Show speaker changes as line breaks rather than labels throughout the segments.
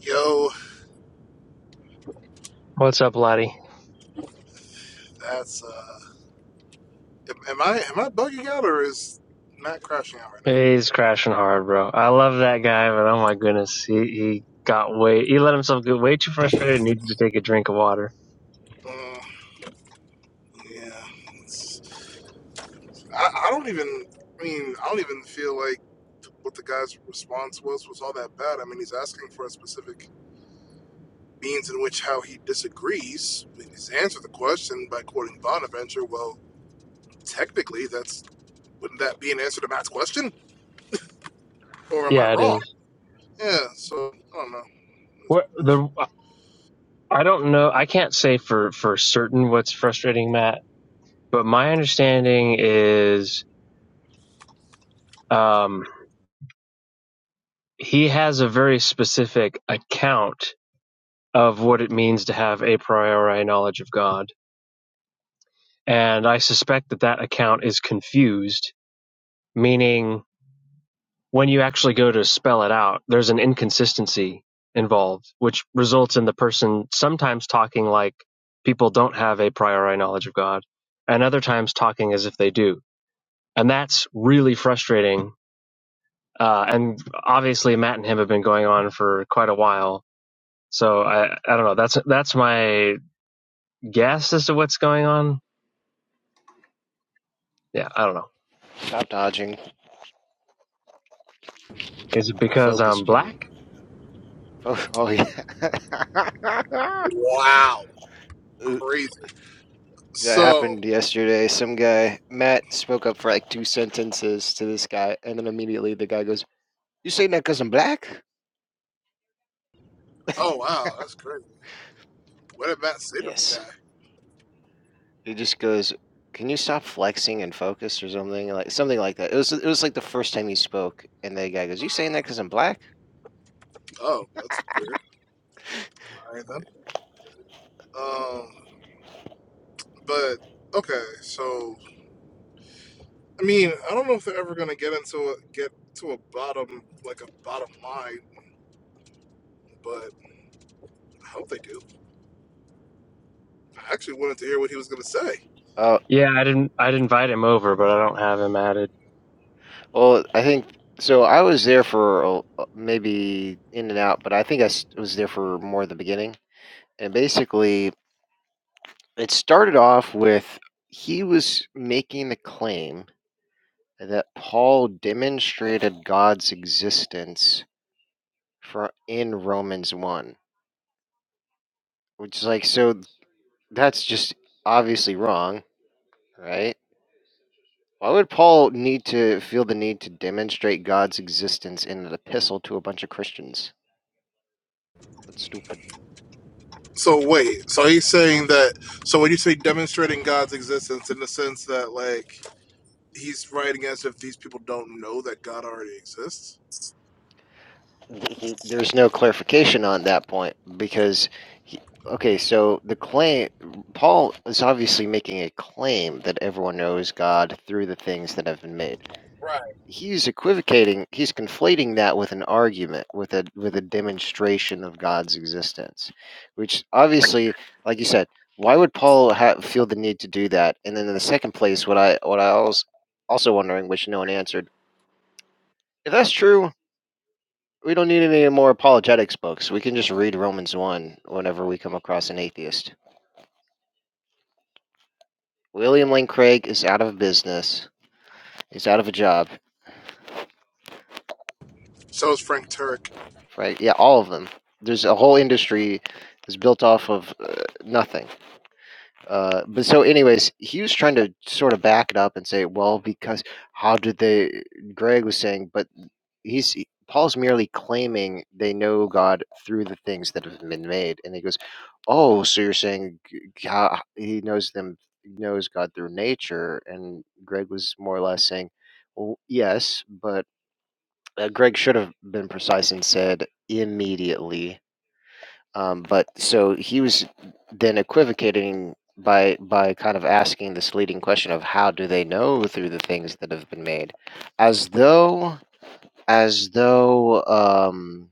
Yo,
What's up, Lottie?
that's uh, am I am I bugging out or is Matt crashing out right now?
He's crashing hard, bro. I love that guy, but oh my goodness, he he got way he let himself get way too frustrated and needed to take a drink of water.
Uh, yeah, it's, I I don't even. I mean, I don't even feel like what the guy's response was was all that bad. I mean, he's asking for a specific means in which how he disagrees. I mean, He's answered the question by quoting Bonaventure. Well, technically, that's wouldn't that be an answer to Matt's question? Or am I
Yeah, it
wrong?
is.
Yeah. So I don't know. That's
What
what it is.
the I don't know. I can't say for for certain what's frustrating Matt, but my understanding is um he has a very specific account of what it means to have a priori knowledge of God, and I suspect that that account is confused, meaning when you actually go to spell it out, there's an inconsistency involved, which results in the person sometimes talking like people don't have a priori knowledge of God, and other times talking as if they do. And that's really frustrating. Uh, and obviously, Matt and him have been going on for quite a while. So I, I don't know. That's that's my guess as to what's going on. Yeah, I don't know.
Stop dodging.
Is it because
Focus,
I'm
Jimmy.
black?
Fo- oh yeah.
Wow. Crazy.
that
So.
happened yesterday. Some guy, Matt, spoke up for like two sentences to this guy, and then immediately the guy goes, "You saying that because 'cause I'm black?"
Oh wow, that's great. What did Matt say to the
Yes.
guy?
He just goes, "Can you stop flexing and focus or something like something like that?" It was it was like the first time he spoke, and the guy goes, "You
Mhm.
saying that because 'cause I'm black?"
Oh, that's weird. All right then. Um, but okay, so I mean, I don't know if they're ever gonna get into a get to a bottom like a bottom line, but I hope they do. I actually wanted to hear what he was gonna say.
Oh,
Yeah, I didn't. I'd invite him over, but I don't have him added.
well, I think so. I was there for a- maybe in and out, but I think I s- was there for more of the beginning. And basically, It started off with he was making the claim that Paul demonstrated God's existence for in Romans 1, which is like, so that's just obviously wrong, right? Why would Paul need to feel the need to demonstrate God's existence in an epistle to a bunch of Christians? That's stupid.
So wait, so he's saying that. So when you say demonstrating God's existence in the sense that like he's writing as if these people don't know that God already exists.
he, there's no clarification on that point because he, okay so the claim paul is obviously making a claim that everyone knows god through the things that have been made
Right.
he's equivocating he's conflating that with an argument with a with a demonstration of god's existence which obviously like you said why would paul ha- feel the need to do that and then in the second place what i what i was also wondering which no one answered if that's true we don't need any more apologetics books. We can just read Romans 1 whenever we come across an atheist. William Lane Craig is out of business. He's out of a job,
So is Frank Turek.
right? Yeah, all of them. There's a whole industry that's built off of uh, nothing. Uh, but so, anyways, he was trying to sort of back it up and say, well, because how did they? Greg was saying, but he's Paul's merely claiming they know God through the things that have been made, and he goes, "Oh, so you're saying God, he knows them, knows God through nature?" And Greg was more or less saying, "Well, yes, but uh, Greg should have been precise and said immediately." Um, but so he was then equivocating by by kind of asking this leading question of how do they know through the things that have been made, as though as though um,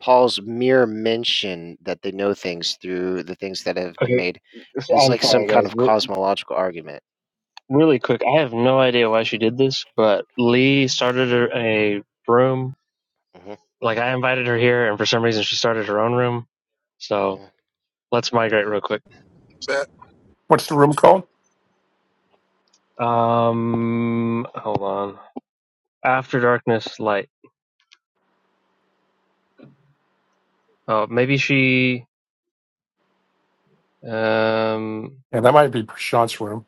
Paul's mere mention that they know things through the things that have been
Okay,
made
so
is
I'm
like some
sorry,
kind
guys.
of
We're,
cosmological argument.
really quick, I have no idea why she did this, but Lee started her a room.
hmm
Like I invited her here, and for some reason she started her own room. So let's migrate real quick.
What's the room called?
Um, hold on. After darkness, light. Oh, maybe she. Um,
Yeah, that might be Prashant's room.